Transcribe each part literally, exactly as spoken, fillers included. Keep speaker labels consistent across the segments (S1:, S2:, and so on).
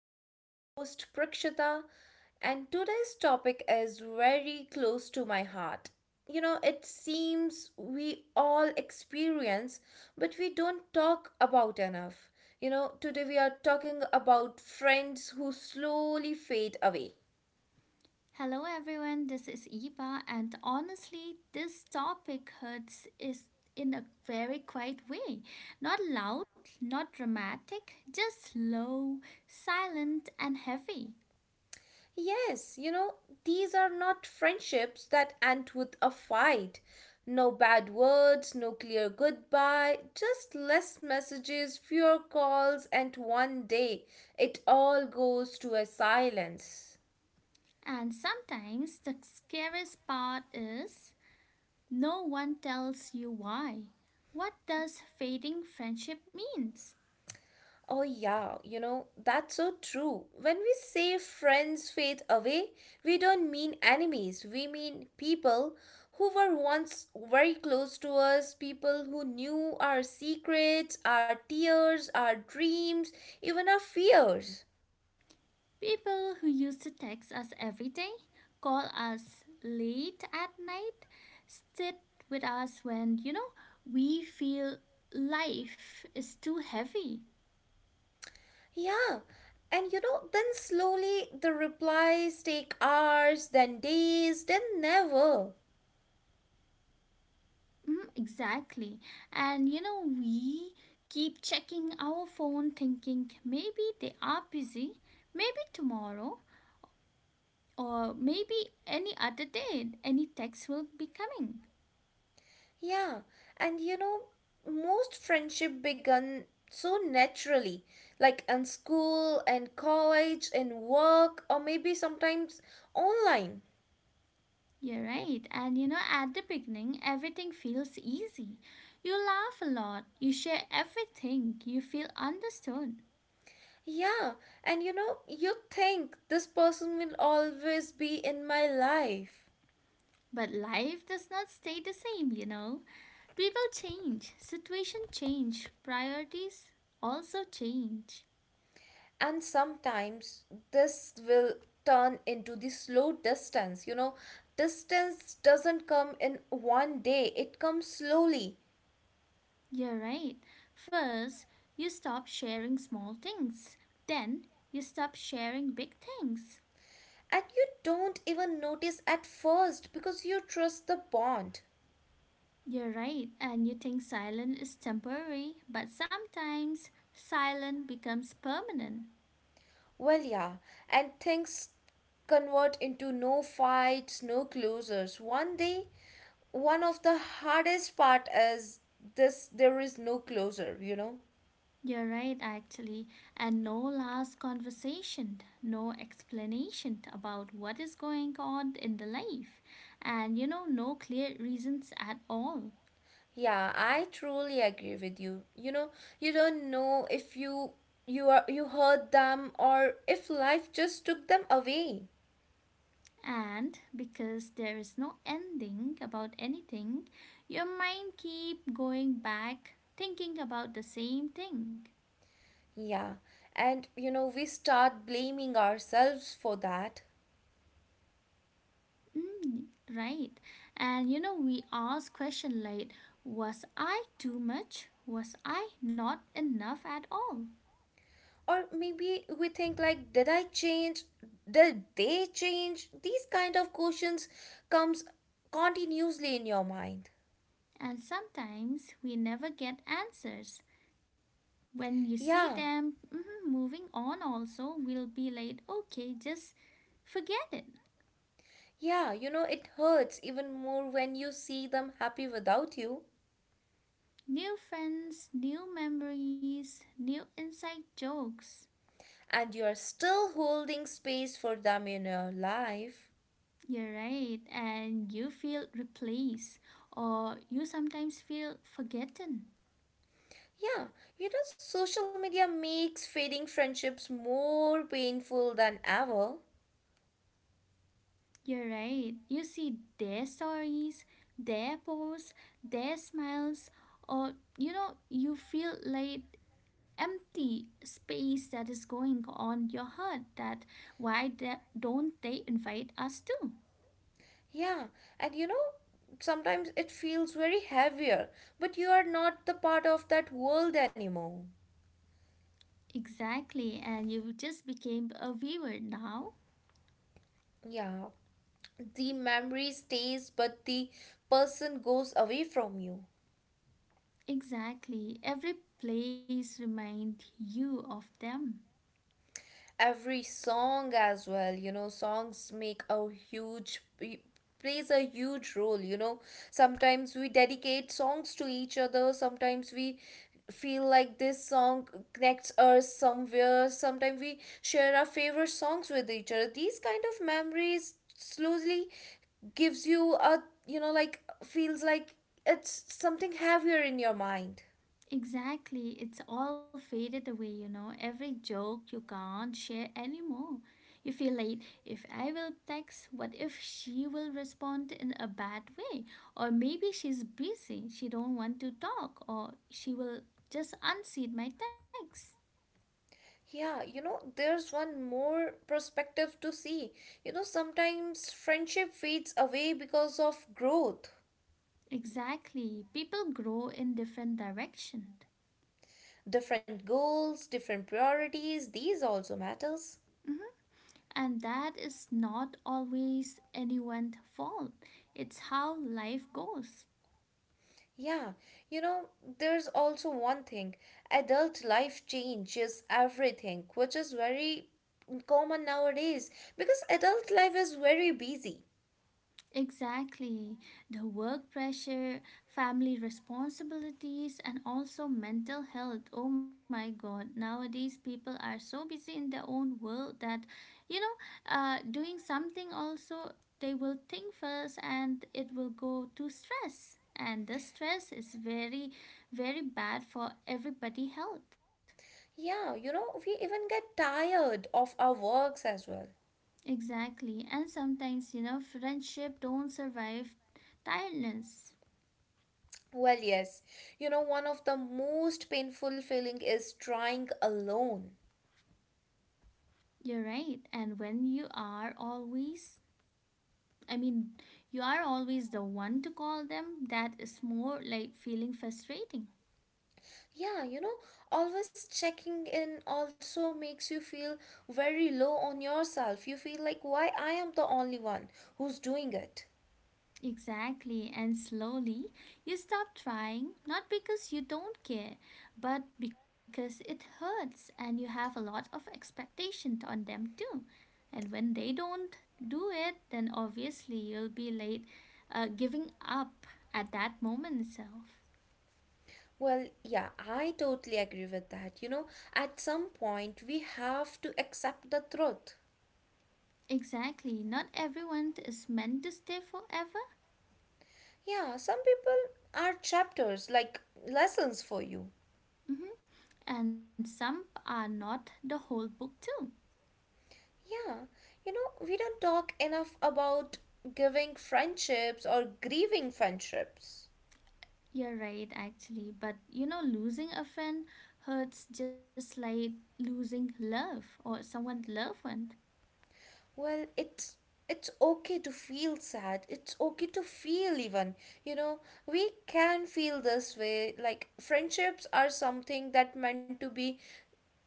S1: I'm your host, Prakshita, and today's topic is very close to my heart. You know, it seems we all experience, but we don't talk about enough. You know, today we are talking about friends who slowly fade away.
S2: Hello everyone, this is Eva, and honestly, this topic hurts is in a very quiet way. Not loud, not dramatic, just low, silent, and heavy.
S1: Yes, you know, these are not friendships that end with a fight. No bad words, no clear goodbye, just less messages, fewer calls, and one day it all goes to a silence.
S2: And sometimes the scariest part is no one tells you why. What does fading friendship means?
S1: Oh, yeah, you know, that's so true. When we say friends fade away, we don't mean enemies. We mean people who were once very close to us, people who knew our secrets, our tears, our dreams, even our fears.
S2: People who used to text us every day, call us late at night, sit with us when, you know, we feel life is too heavy.
S1: Yeah, and you know, then slowly the replies take hours, then days, then never.
S2: Mm, exactly. And, you know, we keep checking our phone thinking maybe they are busy, maybe tomorrow, or maybe any other day, any text will be coming.
S1: Yeah, and you know, most friendship begun so naturally, like in school and college and work, or maybe sometimes online.
S2: You're right. And you know, at the beginning, everything feels easy. You laugh a lot, you share everything, you feel understood.
S1: Yeah, and you know, you think this person will always be in my life.
S2: But life does not stay the same, you know. People change, situation change, priorities also change.
S1: And sometimes this will turn into the slow distance. You know, distance doesn't come in one day, it comes slowly.
S2: You're right. First, you stop sharing small things. Then, you stop sharing big things.
S1: And you don't even notice at first because you trust the bond.
S2: You're right, and you think silence is temporary, but sometimes silence becomes permanent.
S1: Well, yeah, and things convert into no fights, no closures. One day, one of the hardest part is this there is no closure, you know?
S2: You're right, actually, and no last conversation, no explanation about what is going on in the life, and you know, no clear reasons at all.
S1: Yeah, I truly agree with you. You know, you don't know if you you are you hurt them or if life just took them away.
S2: And because there is no ending about anything, your mind keep going back thinking about the same thing.
S1: Yeah. And you know, we start blaming ourselves for that.
S2: Mm, right. And you know, we ask question like, was I too much? Was I not enough at all?
S1: Or maybe we think, like, did I change, did they change? These kind of questions comes continuously in your mind.
S2: And sometimes we never get answers. When you see
S1: Yeah,
S2: them mhm, moving on, also, we'll be like, okay, just forget it.
S1: yeah, you know it hurts even more when you see them happy without you.
S2: New friends, new memories, new inside jokes.
S1: And you are still holding space for them in your life.
S2: You're right. And you feel replaced, or you sometimes feel forgotten.
S1: Yeah, you know social media makes fading friendships more painful than ever.
S2: You're right. You see their stories, their posts, their smiles, or you know, you feel like empty space that is going on your heart, that why the- don't they invite us too?
S1: Yeah, and you know, sometimes it feels very heavier, but you are not the part of that world anymore.
S2: Exactly, and you just became a viewer now.
S1: Yeah, the memory stays, but the person goes away from you.
S2: Exactly, every place remind you of them.
S1: Every song as well, you know songs make a huge plays a huge role. You know sometimes we dedicate songs to each other, sometimes we feel like this song connects us somewhere, sometimes we share our favorite songs with each other. These kind of memories slowly gives you a, you know like feels like it's something heavier in your mind.
S2: Exactly, it's all faded away, you know. Every joke you can't share anymore. You feel like, if I will text, what if she will respond in a bad way? Or maybe she's busy, she don't want to talk, or she will just unseat my text.
S1: Yeah, you know, there's one more perspective to see. You know, sometimes friendship fades away because of growth.
S2: Exactly, people grow in different directions.
S1: Different goals, different priorities, these also matters.
S2: Mm-hmm. And that is not always anyone's fault. It's how life goes.
S1: Yeah, you know, there's also one thing. Adult life changes everything, which is very common nowadays because adult life is very busy.
S2: Exactly. The work pressure, family responsibilities, and also mental health. Oh my God. Nowadays, people are so busy in their own world that, you know, uh, doing something also, they will think first and it will go to stress. And the stress is very, very bad for everybody' health.
S1: Yeah, you know, we even get tired of our works as well.
S2: Exactly. And sometimes, you know, friendship don't survive tiredness.
S1: Well, yes. You know, one of the most painful feeling is trying alone.
S2: You're right. And when you are always, I mean, you are always the one to call them, that is more like feeling frustrating.
S1: Yeah, you know, always checking in also makes you feel very low on yourself. You feel like why I am the only one who's doing it.
S2: Exactly. And slowly you stop trying, not because you don't care, but because it hurts and you have a lot of expectation on them too. And when they don't do it, then obviously you'll be late uh, giving up at that moment itself.
S1: Well, yeah, I totally agree with that. You know, at some point we have to accept the truth.
S2: Exactly. Not everyone is meant to stay forever.
S1: Yeah, some people are chapters like lessons for you.
S2: Hmm. And some are not the whole book, too.
S1: Yeah, you know, we don't talk enough about giving friendships or grieving friendships.
S2: You're right, actually. But you know, losing a friend hurts just like losing love or someone loved one.
S1: Well, it's it's okay to feel sad. It's okay to feel even. You know, we can feel this way. Like friendships are something that meant to be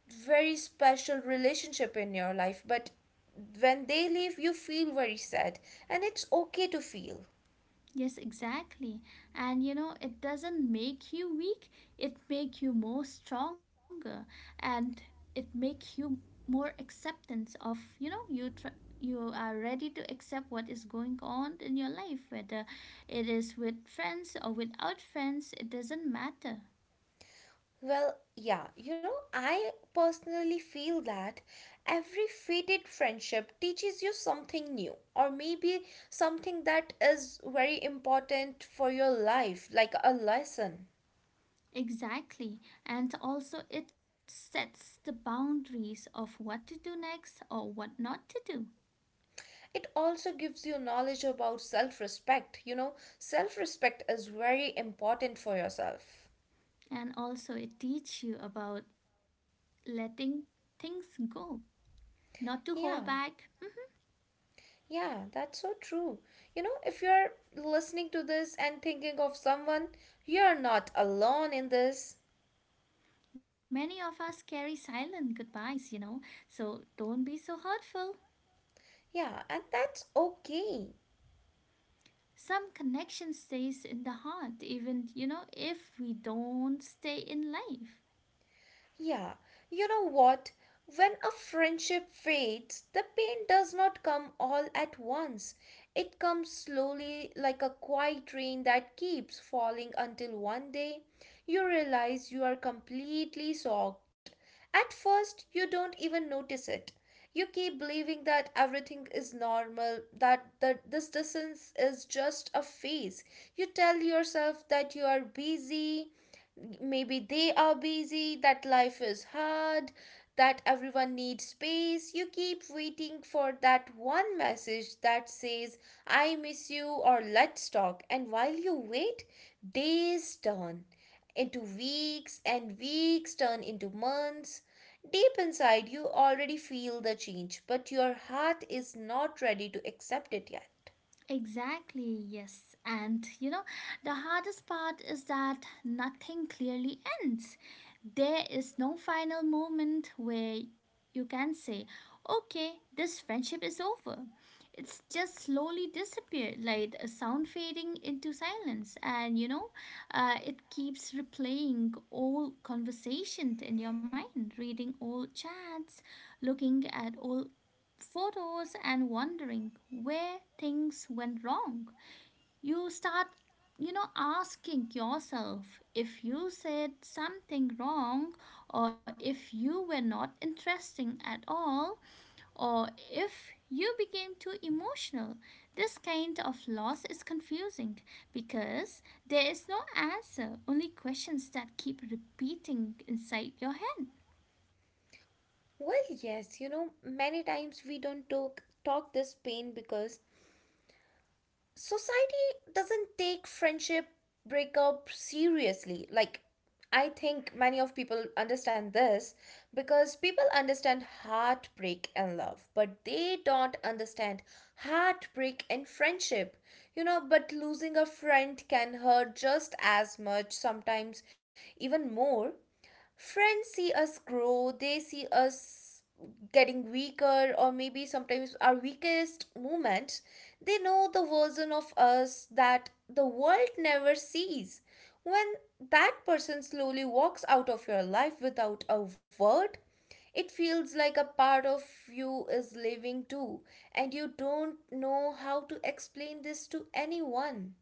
S1: very special relationship in your life, but when they leave you feel very sad and it's okay to feel.
S2: Yes, exactly. And you know, it doesn't make you weak, it make you more stronger, and it make you more acceptance of, you know, you tr- you are ready to accept what is going on in your life, whether it is with friends or without friends, it doesn't matter.
S1: Well, yeah, you know, I personally feel that every faded friendship teaches you something new, or maybe something that is very important for your life, like a lesson.
S2: Exactly. And also it sets the boundaries of what to do next or what not to do.
S1: It also gives you knowledge about self respect. You know, self respect is very important for yourself.
S2: And also it teaches you about letting things go, not to hold
S1: Yeah,
S2: back.
S1: yeah, that's so true. You know, if you're listening to this and thinking of someone, you're not alone in this.
S2: Many of us carry silent goodbyes, you know, so don't be so hurtful.
S1: Yeah, and that's okay.
S2: Some connection stays in the heart, even, you know, if we don't stay in life.
S1: Yeah, you know what? When a friendship fades, the pain does not come all at once. It comes slowly like a quiet rain that keeps falling until one day you realize you are completely soaked. At first, you don't even notice it. You keep believing that everything is normal, that the, this distance is just a phase. You tell yourself that you are busy, maybe they are busy, that life is hard, that everyone needs space. You keep waiting for that one message that says, I miss you or let's talk. And while you wait, days turn into weeks and weeks turn into months. Deep inside, you already feel the change, but your heart is not ready to accept it yet.
S2: Exactly, yes. And you know, the hardest part is that nothing clearly ends. There is no final moment where you can say, okay, this friendship is over. It's just slowly disappeared, like a sound fading into silence. And you know, uh, it keeps replaying all conversations in your mind, reading all chats, looking at all photos, and wondering where things went wrong. You start, you know, asking yourself if you said something wrong, or if you were not interesting at all, or if you became too emotional. This kind of loss is confusing because there is no answer, only questions that keep repeating inside your head.
S1: Well, yes, you know, many times we don't talk talk this pain because society doesn't take friendship breakup seriously. Like, I think many of people understand this because people understand heartbreak and love but they don't understand heartbreak and friendship you know But losing a friend can hurt just as much, sometimes even more. Friends see us grow, they see us getting weaker, or maybe sometimes our weakest moment. They know the version of us that the world never sees. When that person slowly walks out of your life without a word, it feels like a part of you is living too, and you don't know how to explain this to anyone.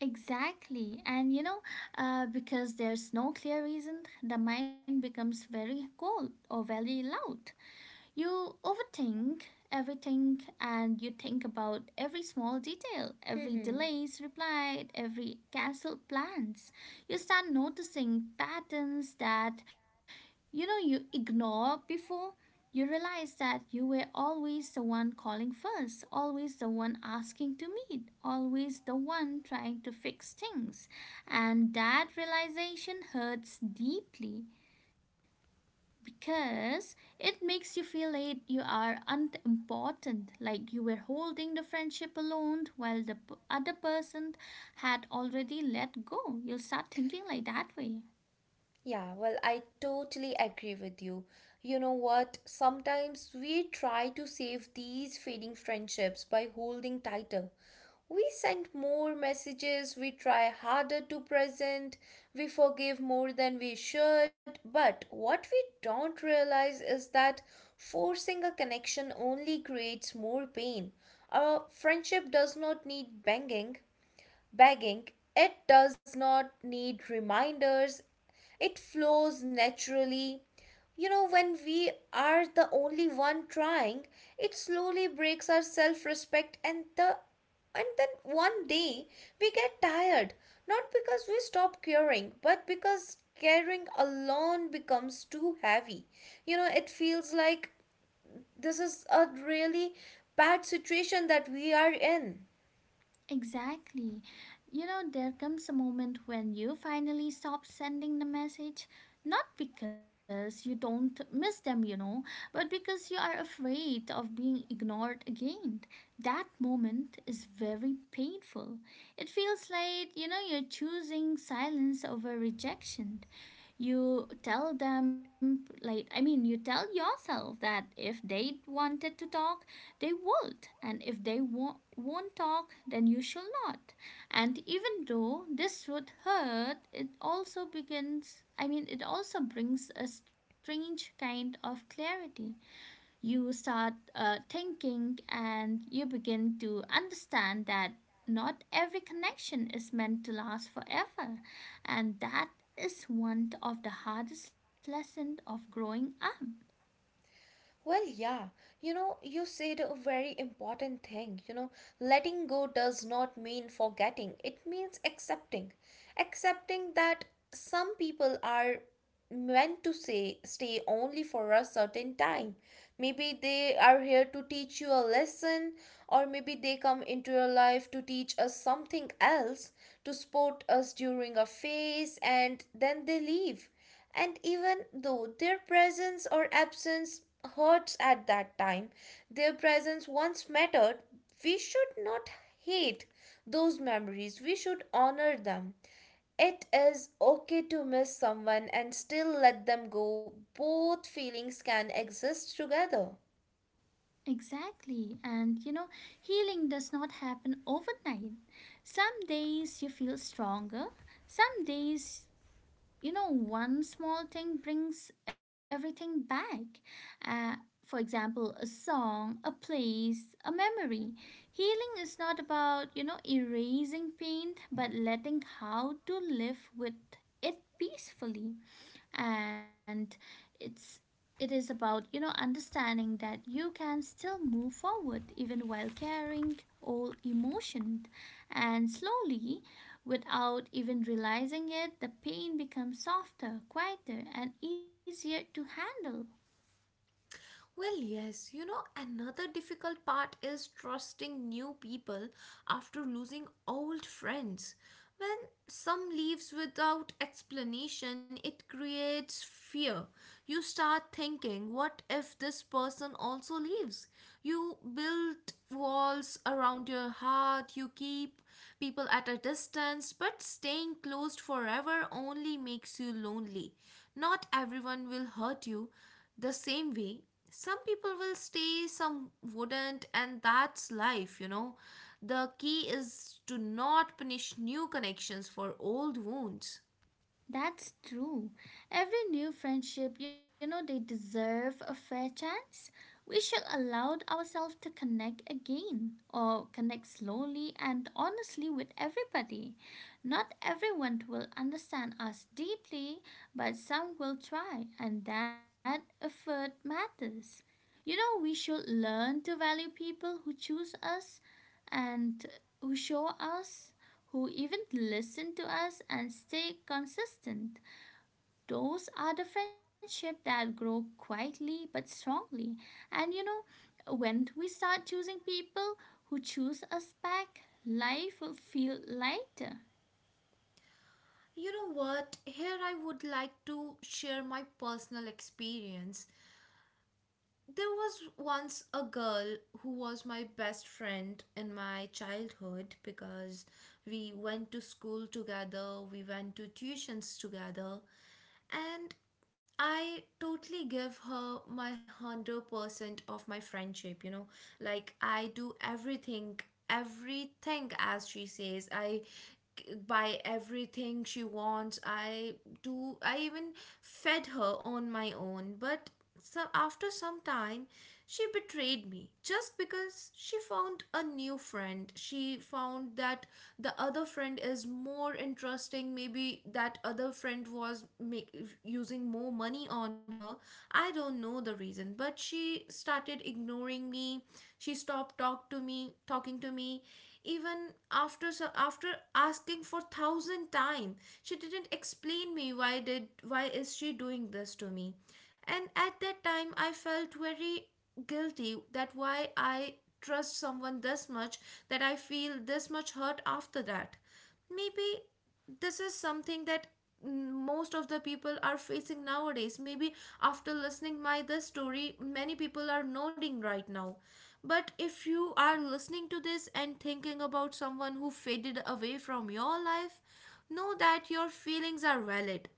S2: Exactly. And you know, uh, Because there's no clear reason, the mind becomes very cold or very loud. You overthink everything and you think about every small detail, every delays replied, every cancelled plans. You start noticing patterns that you know you ignore before. You realize that you were always the one calling first, always the one asking to meet, always the one trying to fix things. And that realization hurts deeply because it makes you feel like you are unimportant, like you were holding the friendship alone while the p- other person had already let go. You'll start thinking like that way.
S1: Yeah, well, I totally agree with you. You know what? Sometimes we try to save these fading friendships by holding tighter. We send more messages, we try harder to present, we forgive more than we should, but what we don't realize is that forcing a connection only creates more pain. A friendship does not need banging, begging, it does not need reminders, it flows naturally. You know, when we are the only one trying, it slowly breaks our self respect, and the and then one day we get tired, not because we stop caring, but because caring alone becomes too heavy. You know, it feels like this is a really bad situation that we are in.
S2: Exactly. You know, there comes a moment when you finally stop sending the message, not because you don't miss them, you know, but because you are afraid of being ignored again. That moment is very painful. It feels like, you know, you're choosing silence over rejection. You tell them like i mean you tell yourself that if they wanted to talk, they would. And if they won't won't talk, then you shall not. And even though this would hurt it also begins I mean it also brings a strange kind of clarity. You start uh, thinking, and you begin to understand that not every connection is meant to last forever, and that is one of the hardest lessons of growing up.
S1: Well, yeah, you know, you said a very important thing. You know, letting go does not mean forgetting, it means accepting. Accepting that some people are meant to say stay only for a certain time. Maybe they are here to teach you a lesson, or maybe they come into your life to teach us something else, to support us during a phase, and then they leave. And even though their presence or absence hurts at that time, their presence once mattered. We should not hate those memories, we should honor them. It is okay to miss someone and still let them go. Both feelings can exist together.
S2: Exactly. And you know, healing does not happen overnight. Some days you feel stronger, some days, you know, one small thing brings everything back. uh, for example, a song, a place, a memory. Healing is not about, you know, erasing pain, but letting how to live with it peacefully. And it's it is about, you know, understanding that you can still move forward even while carrying old emotion. And slowly, without even realizing it, the pain becomes softer, quieter, and easier to handle.
S1: Well, yes, you know, another difficult part is trusting new people after losing old friends. When some leaves without explanation, it creates fear. You start thinking, what if this person also leaves? You build walls around your heart, you keep people at a distance, but staying closed forever only makes you lonely. Not everyone will hurt you the same way. Some people will stay, some wouldn't, and that's life. You know the key is to not punish new connections for old wounds.
S2: That's true. Every new friendship, you know, they deserve a fair chance. We should allow ourselves to connect again, or connect slowly and honestly with everybody. Not everyone will understand us deeply, but some will try, and that effort matters. You know, we should learn to value people who choose us and who show us, who even listen to us and stay consistent. Those are the friendships that grow quietly but strongly. And you know, when we start choosing people who choose us back, life will feel lighter.
S1: You know what? Here I would like to share my personal experience. There was once a girl who was my best friend in my childhood because we went to school together, we went to tuitions together, and I totally give her my one hundred percent of my friendship, you know. Like, I do everything, everything as she says. I c- buy everything she wants. I do, I even fed her on my own, but so after some time, she betrayed me just because she found a new friend. She found that the other friend is more interesting. Maybe that other friend was make, using more money on her. I don't know the reason, but she started ignoring me. She stopped talk to me, talking to me. Even after, so after asking for thousand time, she didn't explain me why did why is she doing this to me. And at that time I felt very guilty that why I trust someone this much, that I feel this much hurt after that. Maybe this is something that mm, most of the people are facing nowadays. Maybe after listening my this story many people are nodding right now. But if you are listening to this and thinking about someone who faded away from your life, know that your feelings are valid.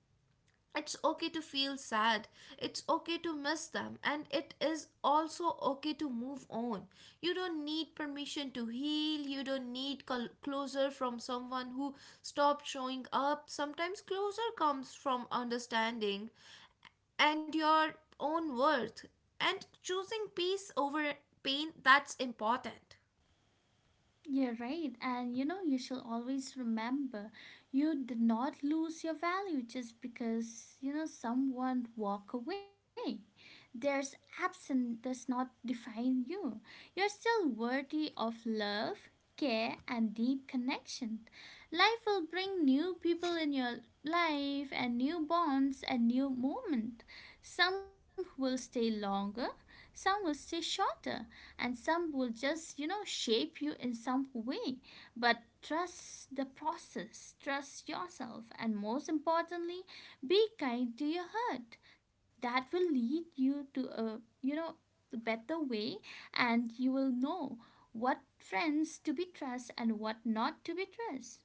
S1: It's okay to feel sad, it's okay to miss them, and it is also okay to move on. You don't need permission to heal, you don't need col- closure from someone who stopped showing up. Sometimes closure comes from understanding and your own worth, and choosing peace over pain. That's important.
S2: You're right. And you know, you should always remember, you did not lose your value just because, you know, someone walk away. There's absent does not define you. You're still worthy of love, care and deep connection. Life will bring new people in your life, and new bonds and new moment. Some will stay longer, some will stay shorter, and some will just, you know, shape you in some way. But trust the process, trust yourself, and most importantly, be kind to your heart. That will lead you to a, you know, better way. And you will know what friends to be trust and what not to be trust.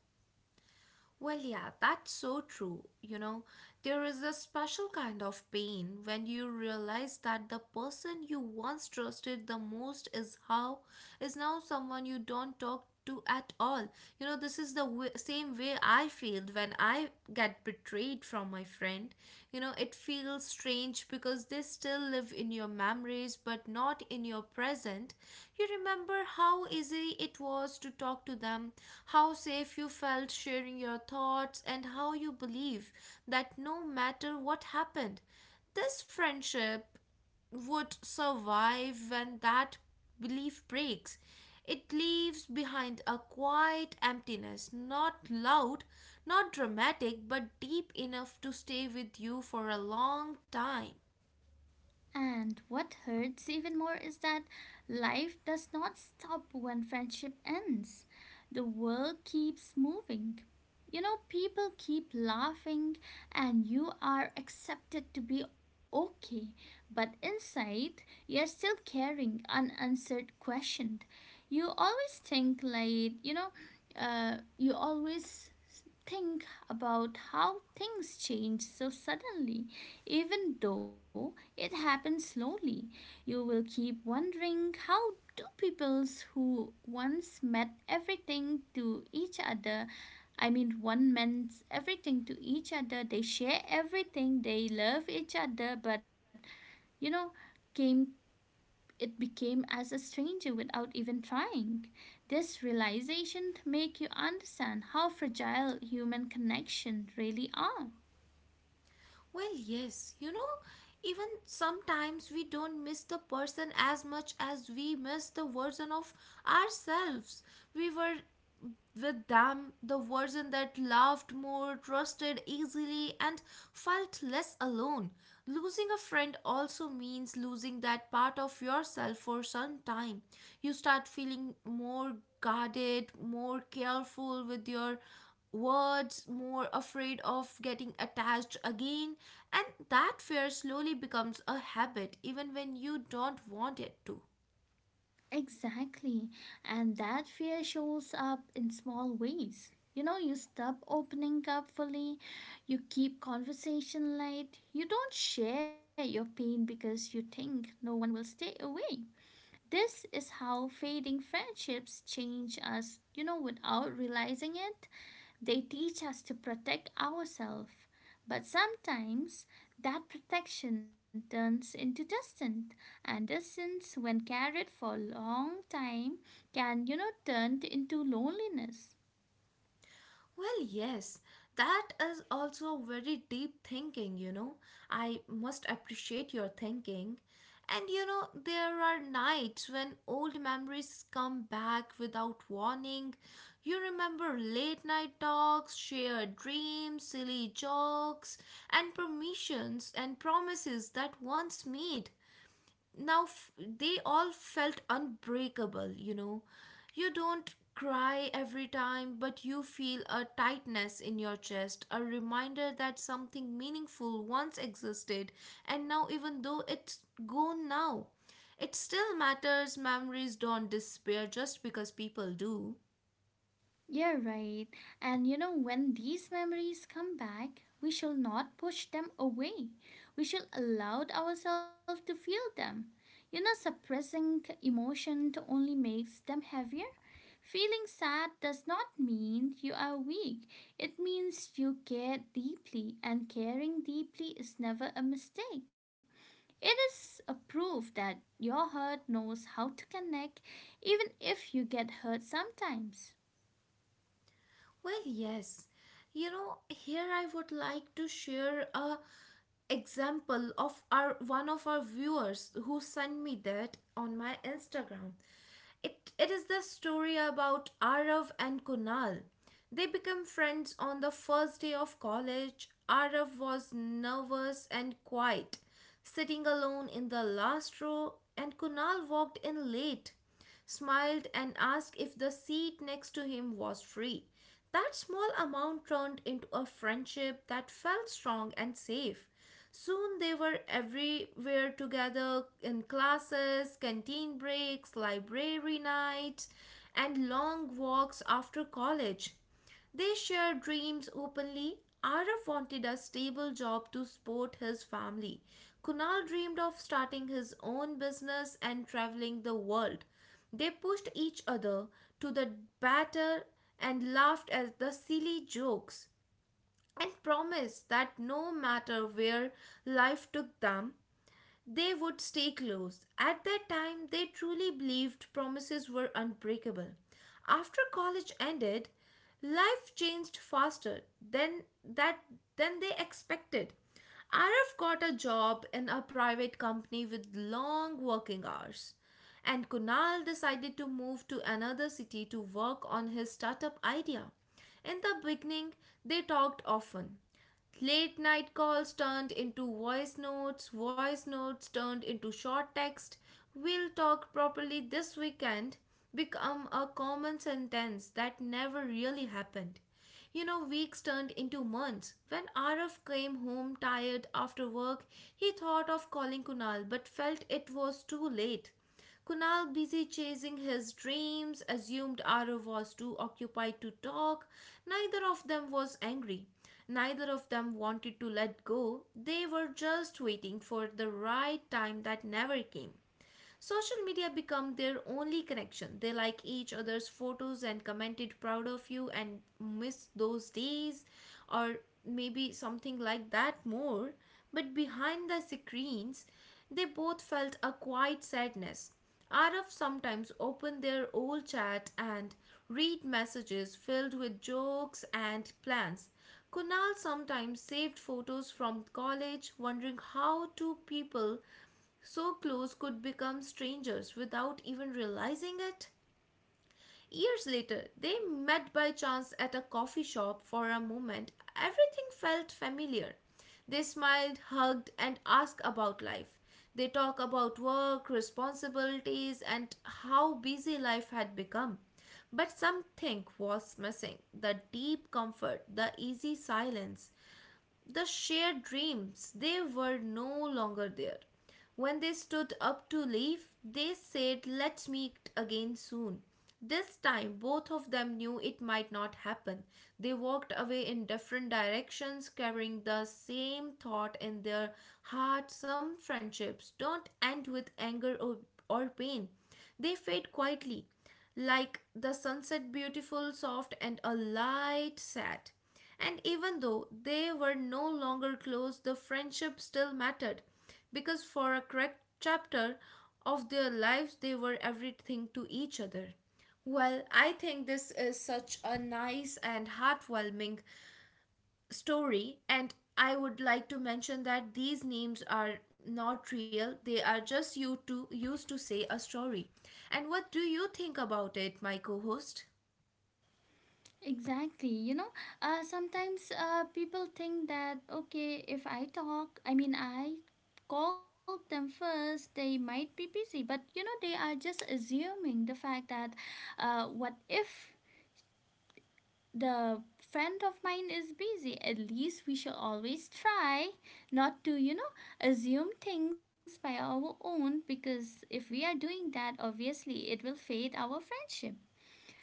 S1: Well, yeah, that's so true. You know, there is a special kind of pain when you realize that the person you once trusted the most is how is now someone you don't talk to at all. You know, this is the w- same way I feel when I get betrayed from my friend spent, you know, it feels strange because they still live in your memories but not in your present. You remember how easy it was to talk to them, how safe you felt sharing your thoughts, and how you believe that no matter what happened, this friendship would survive when that belief breaks. It leaves behind a quiet emptiness, not loud, not dramatic, but deep enough to stay with you for a long time.
S2: And what hurts even more is that life does not stop when friendship ends. The world keeps moving. You know, people keep laughing, and you are accepted to be okay, but inside, you're still carrying an unanswered questions. You always think, like, you know, uh, you always think about how things change so suddenly, even though it happens slowly. You will keep wondering how do peoples who once met everything to each other, I mean one meant everything to each other, they share everything, they love each other, but you know, came it became as a stranger without even trying. This realization make you understand how fragile human connection really are.
S1: Well, yes, you know, even sometimes we don't miss the person as much as we miss the version of ourselves. We were with them, the version that loved more, trusted easily, and felt less alone. Losing a friend also means losing that part of yourself for some time. You start feeling more guarded, more careful with your words, more afraid of getting attached again, and that fear slowly becomes a habit even when you don't want it to.
S2: Exactly. And that fear shows up in small ways. You know, you stop opening up fully, you keep conversation light, you don't share your pain because you think no one will stay away. This is how fading friendships change us, you know, without realizing it. They teach us to protect ourselves, but sometimes that protection turns into distance, and distance, when carried for a long time, can, you know, turn into loneliness.
S1: Well, yes, that is also very deep thinking, you know. I must appreciate your thinking. And you know, there are nights when old memories come back without warning. You remember late night talks, shared dreams, silly jokes, and permissions and promises that once made now f- they all felt unbreakable, you know. You don't cry every time, but you feel a tightness in your chest, a reminder that something meaningful once existed, and now, even though it's gone now, it still matters. Memories don't disappear just because people do.
S2: Yeah, right. And you know, when these memories come back, we shall not push them away. We shall allow ourselves to feel them. You know, suppressing emotion to only makes them heavier. Feeling sad does not mean you are weak. It means you care deeply, and caring deeply is never a mistake. It is a proof that your heart knows how to connect, even if you get hurt sometimes.
S1: Well, yes. You know, here I would like to share a example of our one of our viewers who sent me that on my Instagram. It it is the story about Arav and Kunal. They became friends on the first day of college. Arav was nervous and quiet, sitting alone in the last row, and Kunal walked in late, smiled, and asked if the seat next to him was free. That small amount turned into a friendship that felt strong and safe. Soon they were everywhere together, in classes, canteen breaks, library nights, and long walks after college. They share dreams openly. Arif wanted a stable job to support his family. Kunal dreamed of starting his own business and traveling the world. They pushed each other to the batter and laughed at the silly jokes and promised that no matter where life took them, they would stay close. At that time, they truly believed promises were unbreakable. After college ended, life changed faster than that than they expected. Arif got a job in a private company with long working hours, and Kunal decided to move to another city to work on his startup idea. In the beginning, they talked often. Late night calls turned into voice notes, voice notes turned into short text. "We'll talk properly this weekend" become a common sentence that never really happened. You know, weeks turned into months. When Arif came home tired after work, he thought of calling Kunal but felt it was too late. Kunal, busy chasing his dreams, assumed Arav was too occupied to talk. Neither of them was angry. Neither of them wanted to let go. They were just waiting for the right time that never came. Social media become their only connection. They like each other's photos and commented "proud of you" and "miss those days," or maybe something like that more. But behind the screens, they both felt a quiet sadness. Araf sometimes opened their old chat and read messages filled with jokes and plans. Kunal sometimes saved photos from college, wondering how two people so close could become strangers without even realizing it. Years later, they met by chance at a coffee shop. For a moment, everything felt familiar. They smiled, hugged, and asked about life. They talk about work, responsibilities, and how busy life had become. But something was missing: the deep comfort, the easy silence, the shared dreams, they were no longer there. When they stood up to leave, they said, "Let's meet again soon." This time, both of them knew it might not happen. They walked away in different directions, carrying the same thought in their heart. Some friendships don't end with anger or, or pain, they fade quietly like the sunset, beautiful, soft, and a light sad. And even though they were no longer close, the friendship still mattered because for a correct chapter of their lives, they were everything to each other. Well, I think this is such a nice and heartwarming story, and I would like to mention that these names are not real, they are just you to used to say a story. And what do you think about it, my co-host?
S2: Exactly. You know, uh, sometimes uh, people think that, okay, if I talk, I mean, I call them first, they might be busy, but you know, they are just assuming the fact that uh, what if the friend of mine is busy? At least we should always try not to, you know, assume things by our own, because if we are doing that, obviously it will fade our friendship.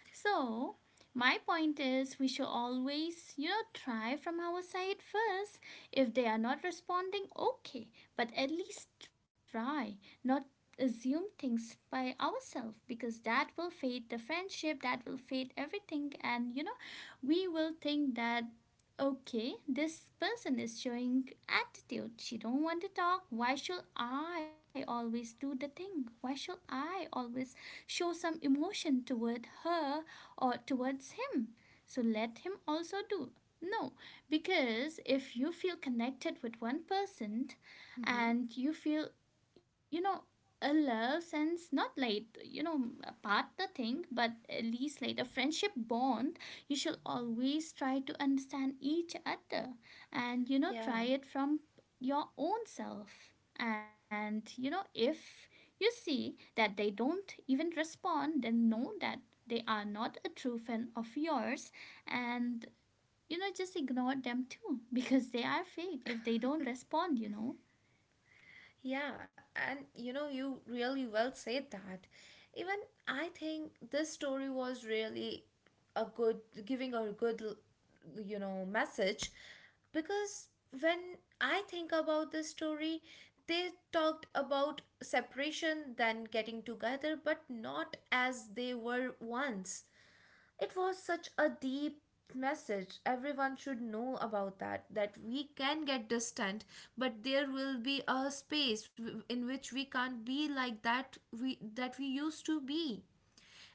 S2: So, my point is, we should always, you know, try from our side first. If they are not responding, okay, but at least try, not assume things by ourselves, because that will fade the friendship, that will fade everything, and you know, we will think that, okay, this person is showing attitude, she don't want to talk, why should I always do the thing, why should I always show some emotion toward her or towards him. So let him also do. No, because if you feel connected with one person
S1: Mm-hmm.
S2: and you feel, you know, a love sense, not like, you know, a partner thing, but at least like a friendship bond, you should always try to understand each other and, you know,
S1: Yeah.
S2: try it from your own self. And, you know, if you see that they don't even respond, then know that they are not a true fan of yours, and you know, just ignore them too because they are fake if they don't respond, you know.
S1: Yeah, and you know, you really well said that. Even I think this story was really a good, giving a good, you know, message, because when I think about this story, they talked about separation, then getting together, but not as they were once. It was such a deep message. Everyone should know about that, that we can get distant, but there will be a space w- in which we can't be like that we that we used to be.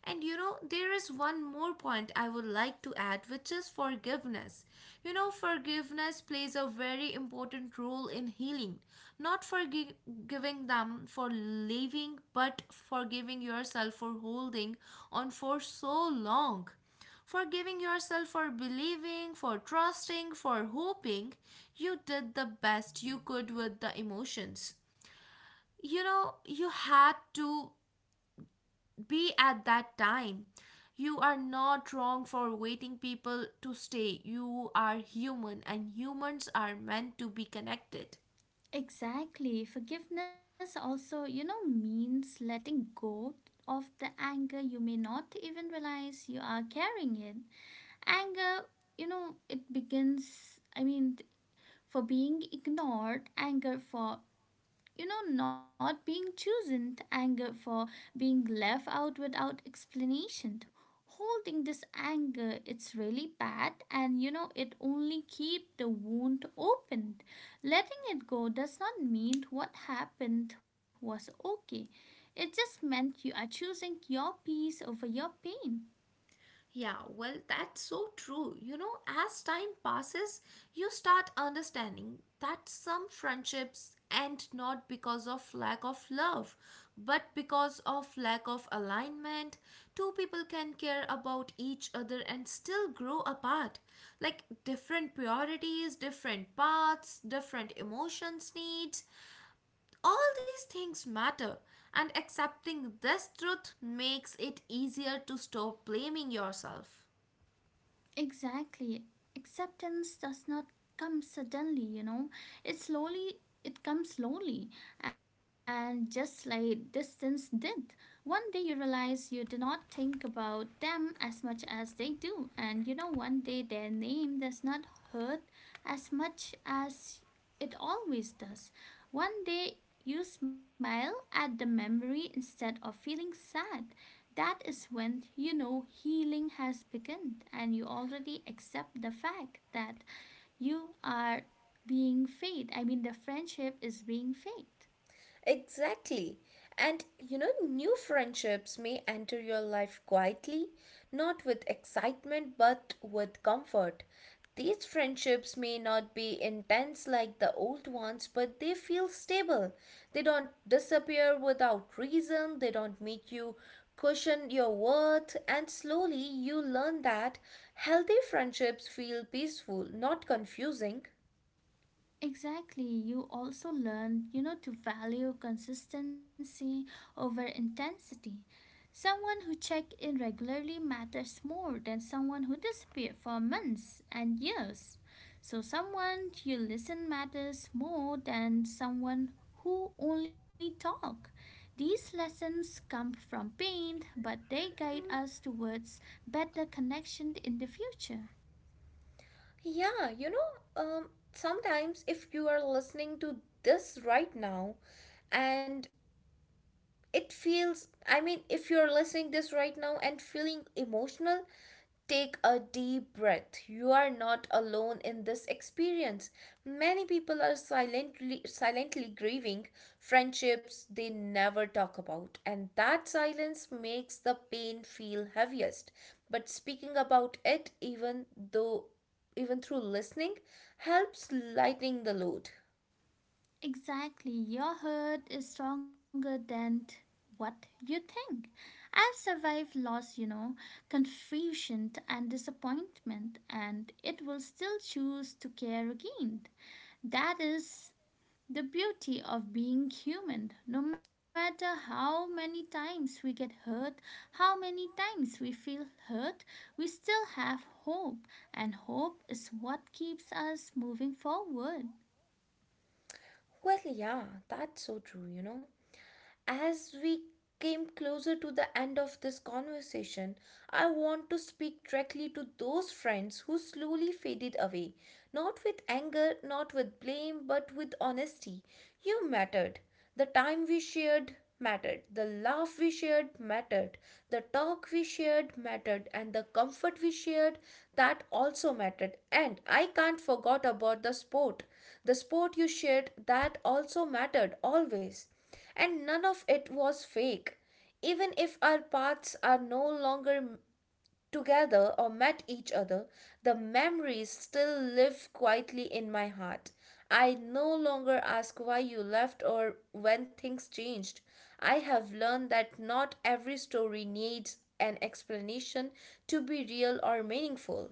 S1: And you know, there is one more point I would like to add, which is forgiveness. You know, forgiveness Forgiveness plays a very important role in healing. Not forgiving them for leaving, but forgiving yourself for holding on for so long. Forgiving yourself for believing, for trusting, for hoping. You did the best you could with the emotions you know you had to be at that time. You are not wrong for waiting people to stay. You are human, and humans are meant to be connected.
S2: Exactly, forgiveness also, you know, means letting go of the anger you may not even realize you are carrying it. Anger, you know, it begins, I mean, for being ignored, anger for, you know, not being chosen, anger for being left out without explanation. Holding this anger, it's really bad, and you know, it only keep the wound open. Letting it go does not mean what happened was okay. It just meant you are choosing your peace over your pain.
S1: Yeah, well, that's so true. You know, as time passes, you start understanding that some friendships end not because of lack of love, but because of lack of alignment. Two people can care about each other and still grow apart. Like different priorities, different paths, different emotions, needs. All these things matter, and accepting this truth makes it easier to stop blaming yourself.
S2: Exactly. Acceptance does not come suddenly, you know. It slowly it comes slowly, and just like distance did. One day you realize you do not think about them as much as they do, and you know, one day their name does not hurt as much as it always does. One day you smile at the memory instead of feeling sad. That is when you know healing has begun, and you already accept the fact that you are being fade. I mean, the friendship is being fade.
S1: Exactly. And you know, new friendships may enter your life quietly, not with excitement, but with comfort. These friendships may not be intense like the old ones, but they feel stable. They don't disappear without reason, they don't make you cushion your worth, and slowly you learn that healthy friendships feel peaceful, not confusing.
S2: Exactly. You also learn, you know, to value consistency over intensity. Someone who checks in regularly matters more than someone who disappeared for months and years. So, someone you listen matters more than someone who only talk. These lessons come from pain, but they guide us towards better connection in the future.
S1: Yeah, you know, um, sometimes if you are listening to this right now and it feels, I mean, if you're listening this right now and feeling emotional, take a deep breath. You are not alone in this experience. Many people are silently silently grieving friendships they never talk about, and that silence makes the pain feel heaviest. But speaking about it, even though even through listening, helps lightening the load.
S2: Exactly, your hurt is stronger than t- what you think. I've survived loss, you know, confusion and disappointment, and it will still choose to care again. That is the beauty of being human. No matter how many times we get hurt, how many times we feel hurt, we still have hope, and hope is what keeps us moving forward.
S1: Well, yeah, that's so true, you know. As we came closer to the end of this conversation, I want to speak directly to those friends who slowly faded away, not with anger, not with blame, but with honesty. You mattered. The time we shared mattered. The laugh we shared mattered. The talk we shared mattered. And the comfort we shared, that also mattered. And I can't forget about the sport. The sport you shared, that also mattered always. And none of it was fake. Even if our paths are no longer m- together or met each other, the memories still live quietly in my heart. I no longer ask why you left or when things changed. I have learned that not every story needs an explanation to be real or meaningful.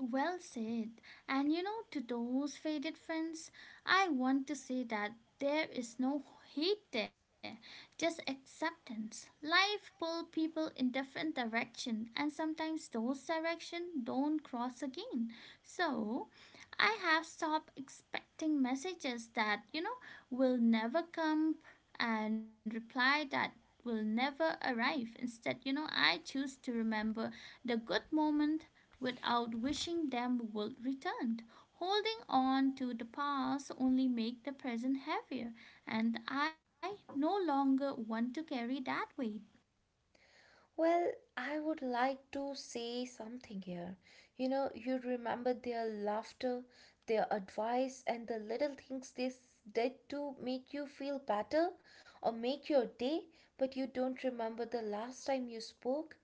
S2: Well said. And you know, to those faded friends, I want to say that there is no hate there, just acceptance. Life pull people in different direction, and sometimes those direction don't cross again. So, I have stopped expecting messages that, you know, will never come, and reply that will never arrive. Instead, you know, I choose to remember the good moment without wishing them would return. Holding on to the past only make the present heavier, and I no longer want to carry that weight.
S1: Well, I would like to say something here. You know, you remember their laughter, their advice, and the little things they s- did to make you feel better or make your day, but you don't remember the last time you spoke.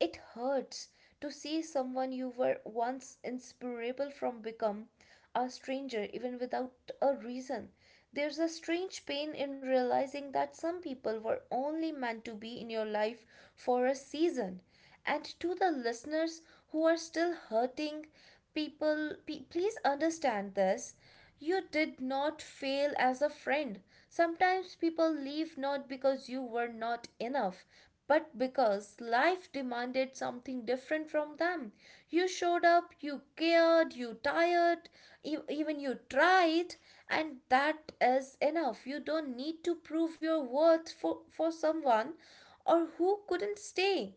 S1: It hurts to see someone you were once inseparable from become a stranger even without a reason. There's a strange pain in realizing that some people were only meant to be in your life for a season. And to the listeners who are still hurting, people, pe- please understand this. You did not fail as a friend. Sometimes people leave not because you were not enough, but because life demanded something different from them. You showed up, you cared, you tired, e- even you tried, and that is enough. You don't need to prove your worth for, for someone or who couldn't stay.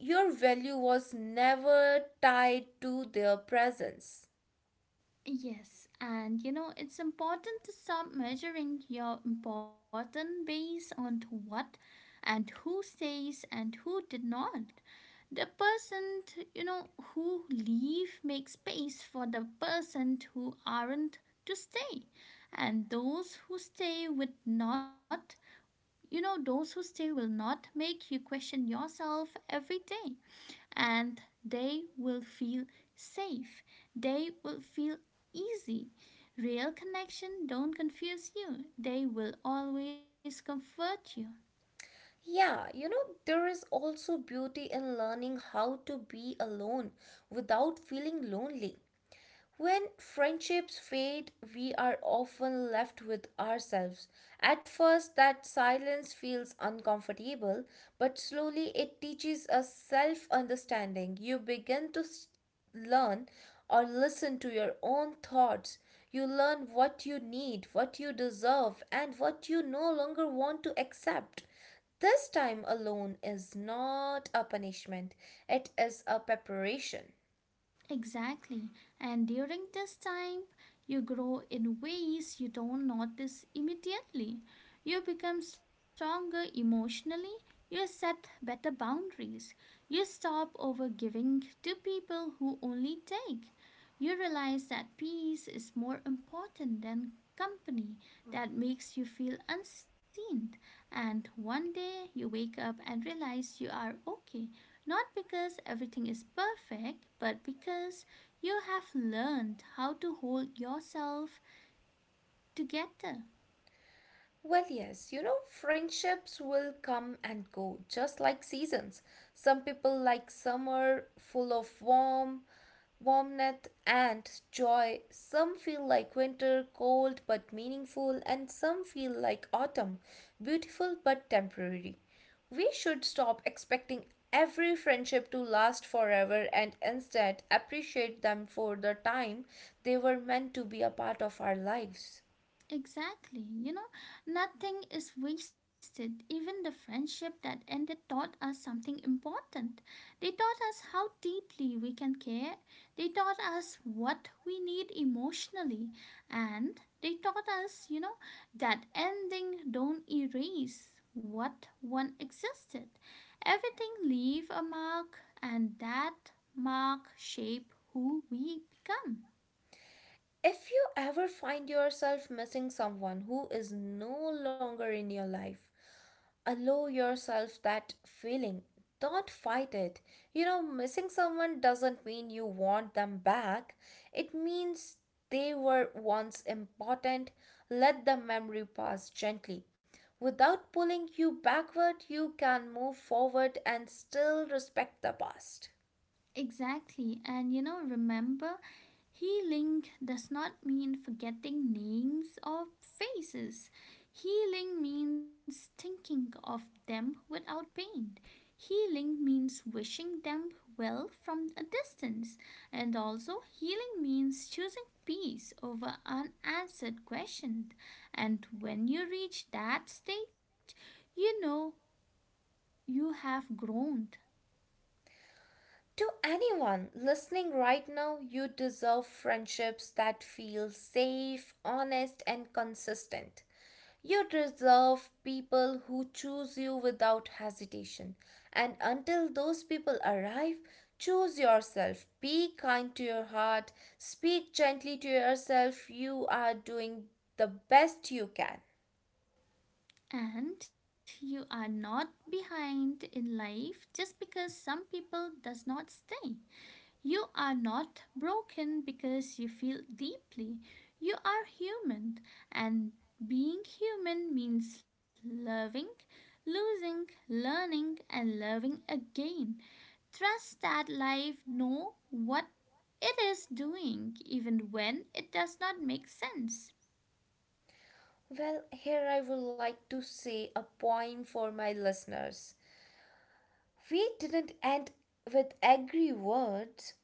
S1: Your value was never tied to their presence.
S2: Yes, and you know, it's important to stop measuring your importance based on to what and who stays and who did not. The person, you know, who leave make space for the person who aren't to stay, and those who stay with not, you know, those who stay will not make you question yourself every day, and they will feel safe, they will feel easy. Real connection don't confuse you, they will always comfort you.
S1: Yeah, you know, there is also beauty in learning how to be alone without feeling lonely. When friendships fade, we are often left with ourselves. At first, that silence feels uncomfortable, but slowly it teaches us self understanding. You begin to s- learn or listen to your own thoughts. You learn what you need, what you deserve, and what you no longer want to accept. This time alone is not a punishment, it is a preparation.
S2: Exactly. And during this time, you grow in ways you don't notice immediately. You become stronger emotionally. You set better boundaries. You stop overgiving to people who only take. You realize that peace is more important than company that makes you feel unseen. And one day you wake up and realize you are okay, not because everything is perfect, but because you have learned how to hold yourself together.
S1: Well, yes, you know, friendships will come and go, just like seasons. Some people like summer, full of warm, warmth and joy. Some feel like winter, cold but meaningful, and some feel like autumn, beautiful but temporary. We should stop expecting every friendship to last forever and instead appreciate them for the time they were meant to be a part of our lives.
S2: Exactly. You know, nothing is wasted. Even the friendship that ended taught us something important. They taught us how deeply we can care. They taught us what we need emotionally. And they taught us, you know, that ending don't erase what one existed. Everything leave a mark, and that mark shape who we become.
S1: If you ever find yourself missing someone who is no longer in your life, allow yourself that feeling. Don't fight it. You know, missing someone doesn't mean you want them back, it means they were once important. Let the memory pass gently. Without pulling you backward, you can move forward and still respect the past.
S2: Exactly. And you know, remember, healing does not mean forgetting names or faces. Healing means thinking of them without pain. Healing means wishing them well from a distance. And also, healing means choosing peace over unanswered questions. And when you reach that stage, you know you have grown.
S1: To anyone listening right now, you deserve friendships that feel safe, honest, and consistent. You deserve people who choose you without hesitation. And until those people arrive, choose yourself. Be kind to your heart. Speak gently to yourself. You are doing the best you can.
S2: And you are not behind in life just because some people does not stay. You are not broken because you feel deeply. You are human, and being human means loving, losing, learning, and loving again. Trust that life know what it is doing, even when it does not make sense.
S1: Well, here I would like to say a poem for my listeners. We didn't end with angry words.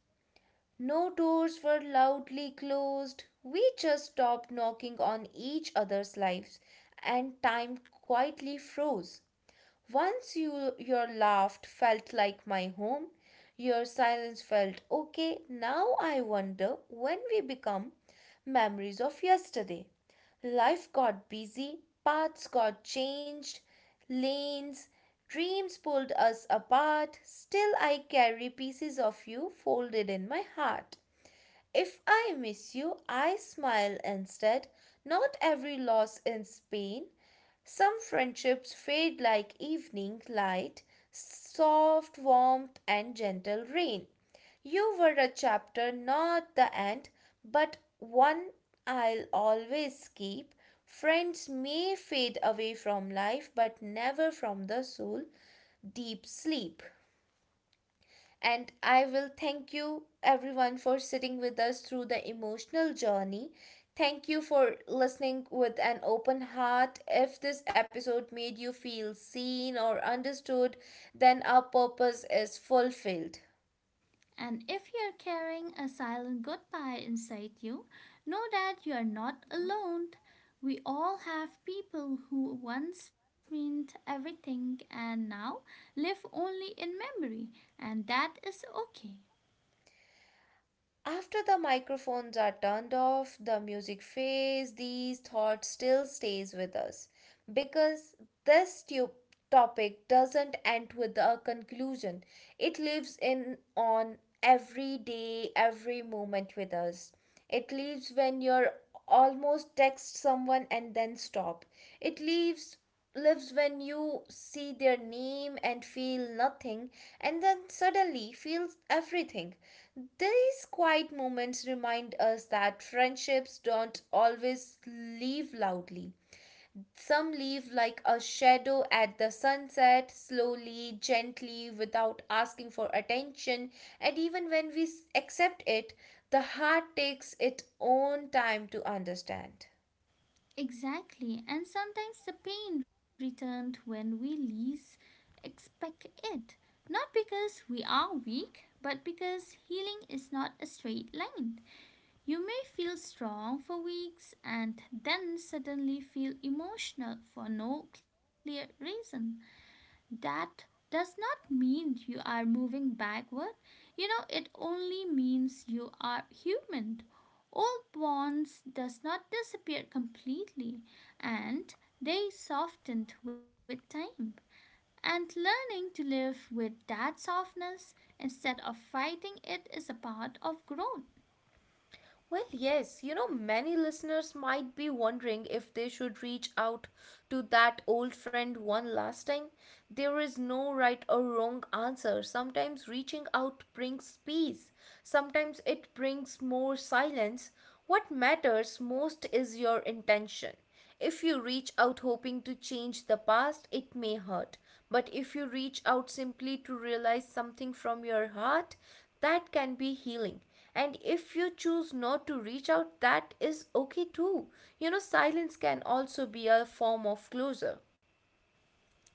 S1: No doors were loudly closed. We just stopped knocking on each other's lives, and time quietly froze. Once you your laugh felt like my home, your silence felt okay. Now I wonder when we become memories of yesterday. Life got busy, paths got changed, lanes, dreams pulled us apart. Still I carry pieces of you folded in my heart. If I miss you, I smile instead. Not every loss is pain, some friendships fade like evening light, soft warmth, and gentle rain. You were a chapter, not the end, but one I'll always keep. Friends may fade away from life, but never from the soul. Deep sleep. And I will thank you everyone for sitting with us through the emotional journey. Thank you for listening with an open heart. If this episode made you feel seen or understood, then our purpose is fulfilled.
S2: And if you're carrying a silent goodbye inside you, know that you're not alone. We all have people who once meant everything and now live only in memory, and that is okay.
S1: After the microphones are turned off, the music fades, these thoughts still stays with us because this tu- topic doesn't end with a conclusion. It lives in on every day, every moment with us. It leaves when you're almost text someone and then stop. It leaves lives when you see their name and feel nothing and then suddenly feels everything. These quiet moments remind us that friendships don't always leave loudly. Some leave like a shadow at the sunset, slowly, gently, without asking for attention. And even when we s- accept it, the heart takes its own time to understand.
S2: Exactly, and sometimes the pain returned when we least expect it. Not because we are weak, but because healing is not a straight line. You may feel strong for weeks and then suddenly feel emotional for no clear reason. That does not mean you are moving backward. You know, it only means you are human. Old bonds does not disappear completely, and they softened with time. And learning to live with that softness instead of fighting it is a part of growth.
S1: Well, yes, you know, many listeners might be wondering if they should reach out to that old friend one last time. There is no right or wrong answer. Sometimes reaching out brings peace, sometimes it brings more silence. What matters most is your intention. If you reach out hoping to change the past, it may hurt. But if you reach out simply to realize something from your heart, that can be healing. And if you choose not to reach out, that is okay too. You know, silence can also be a form of closure.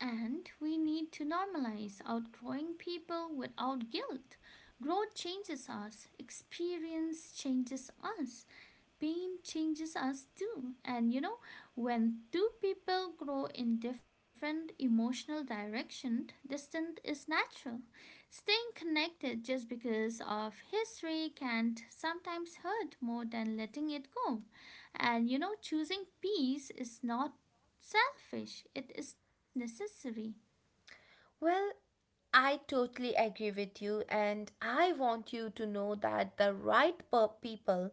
S2: And we need to normalize outgrowing people without guilt. Growth changes us, experience changes us, pain changes us too. And you know, when two people grow in different emotional direction, distance is natural. Staying connected just because of history can sometimes hurt more than letting it go. And you know, choosing peace is not selfish, it is necessary.
S1: Well, I totally agree with you, and I want you to know that the right pe- people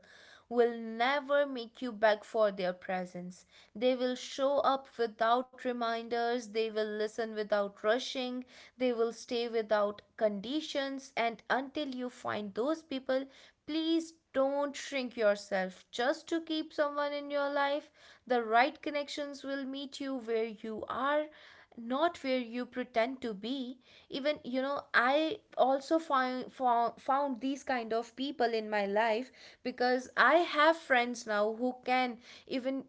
S1: will never make you beg for their presence. They will show up without reminders, they will listen without rushing, they will stay without conditions, and until you find those people, please don't shrink yourself just to keep someone in your life. The right connections will meet you where you are, not where you pretend to be. Even you know i also find found, found these kind of people in my life, because I have friends now who can even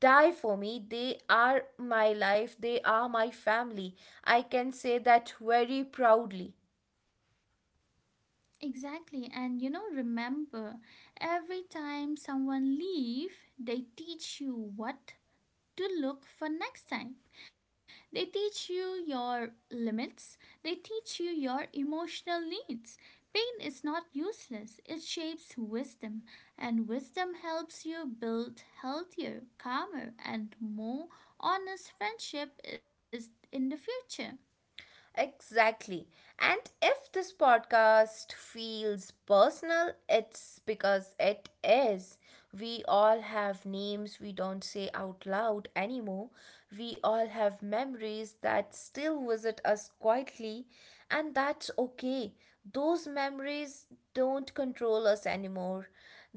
S1: die for me. They are my life, they are my family. I can say that very proudly.
S2: Exactly, and you know, remember, every time someone leave, they teach you what to look for next time. They teach you your limits, they teach you your emotional needs. Pain is not useless, it shapes wisdom, and wisdom helps you build healthier, calmer, and more honest friendship is in the future.
S1: Exactly. And if this podcast feels personal, it's because it is. We all have names we don't say out loud anymore. We all have memories that still visit us quietly, and that's okay. Those memories don't control us anymore.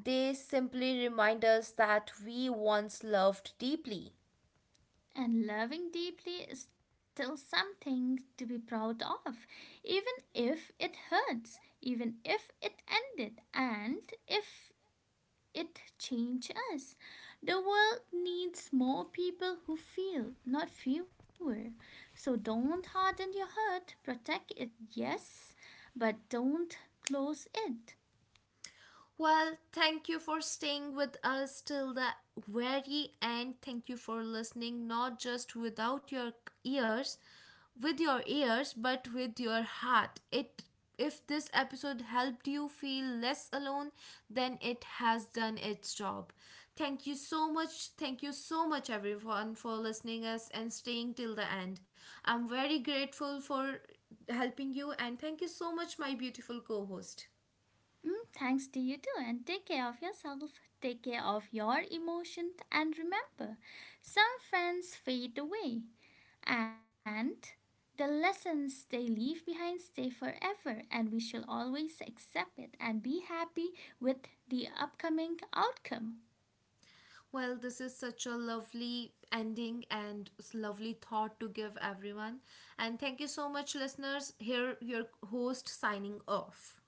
S1: They simply remind us that we once loved deeply.
S2: And loving deeply is still something to be proud of, even if it hurts, even if it ended, and if it changed us. The world needs more people who feel, not fewer. So don't harden your heart. Protect it, yes, but don't close it.
S1: Well, thank you for staying with us till the very end. Thank you for listening, not just without your ears, with your ears, but with your heart. It if this episode helped you feel less alone, then it has done its job. Thank you so much. Thank you so much everyone for listening us and staying till the end. I'm very grateful for helping you, and thank you so much my beautiful co-host.
S2: Mm, thanks to you too, and take care of yourself, take care of your emotions, and remember, some friends fade away, and the lessons they leave behind stay forever, and we shall always accept it and be happy with the upcoming outcome.
S1: Well, this is such a lovely ending and s- lovely thought to give everyone. And thank you so much, listeners. Here, your host signing off.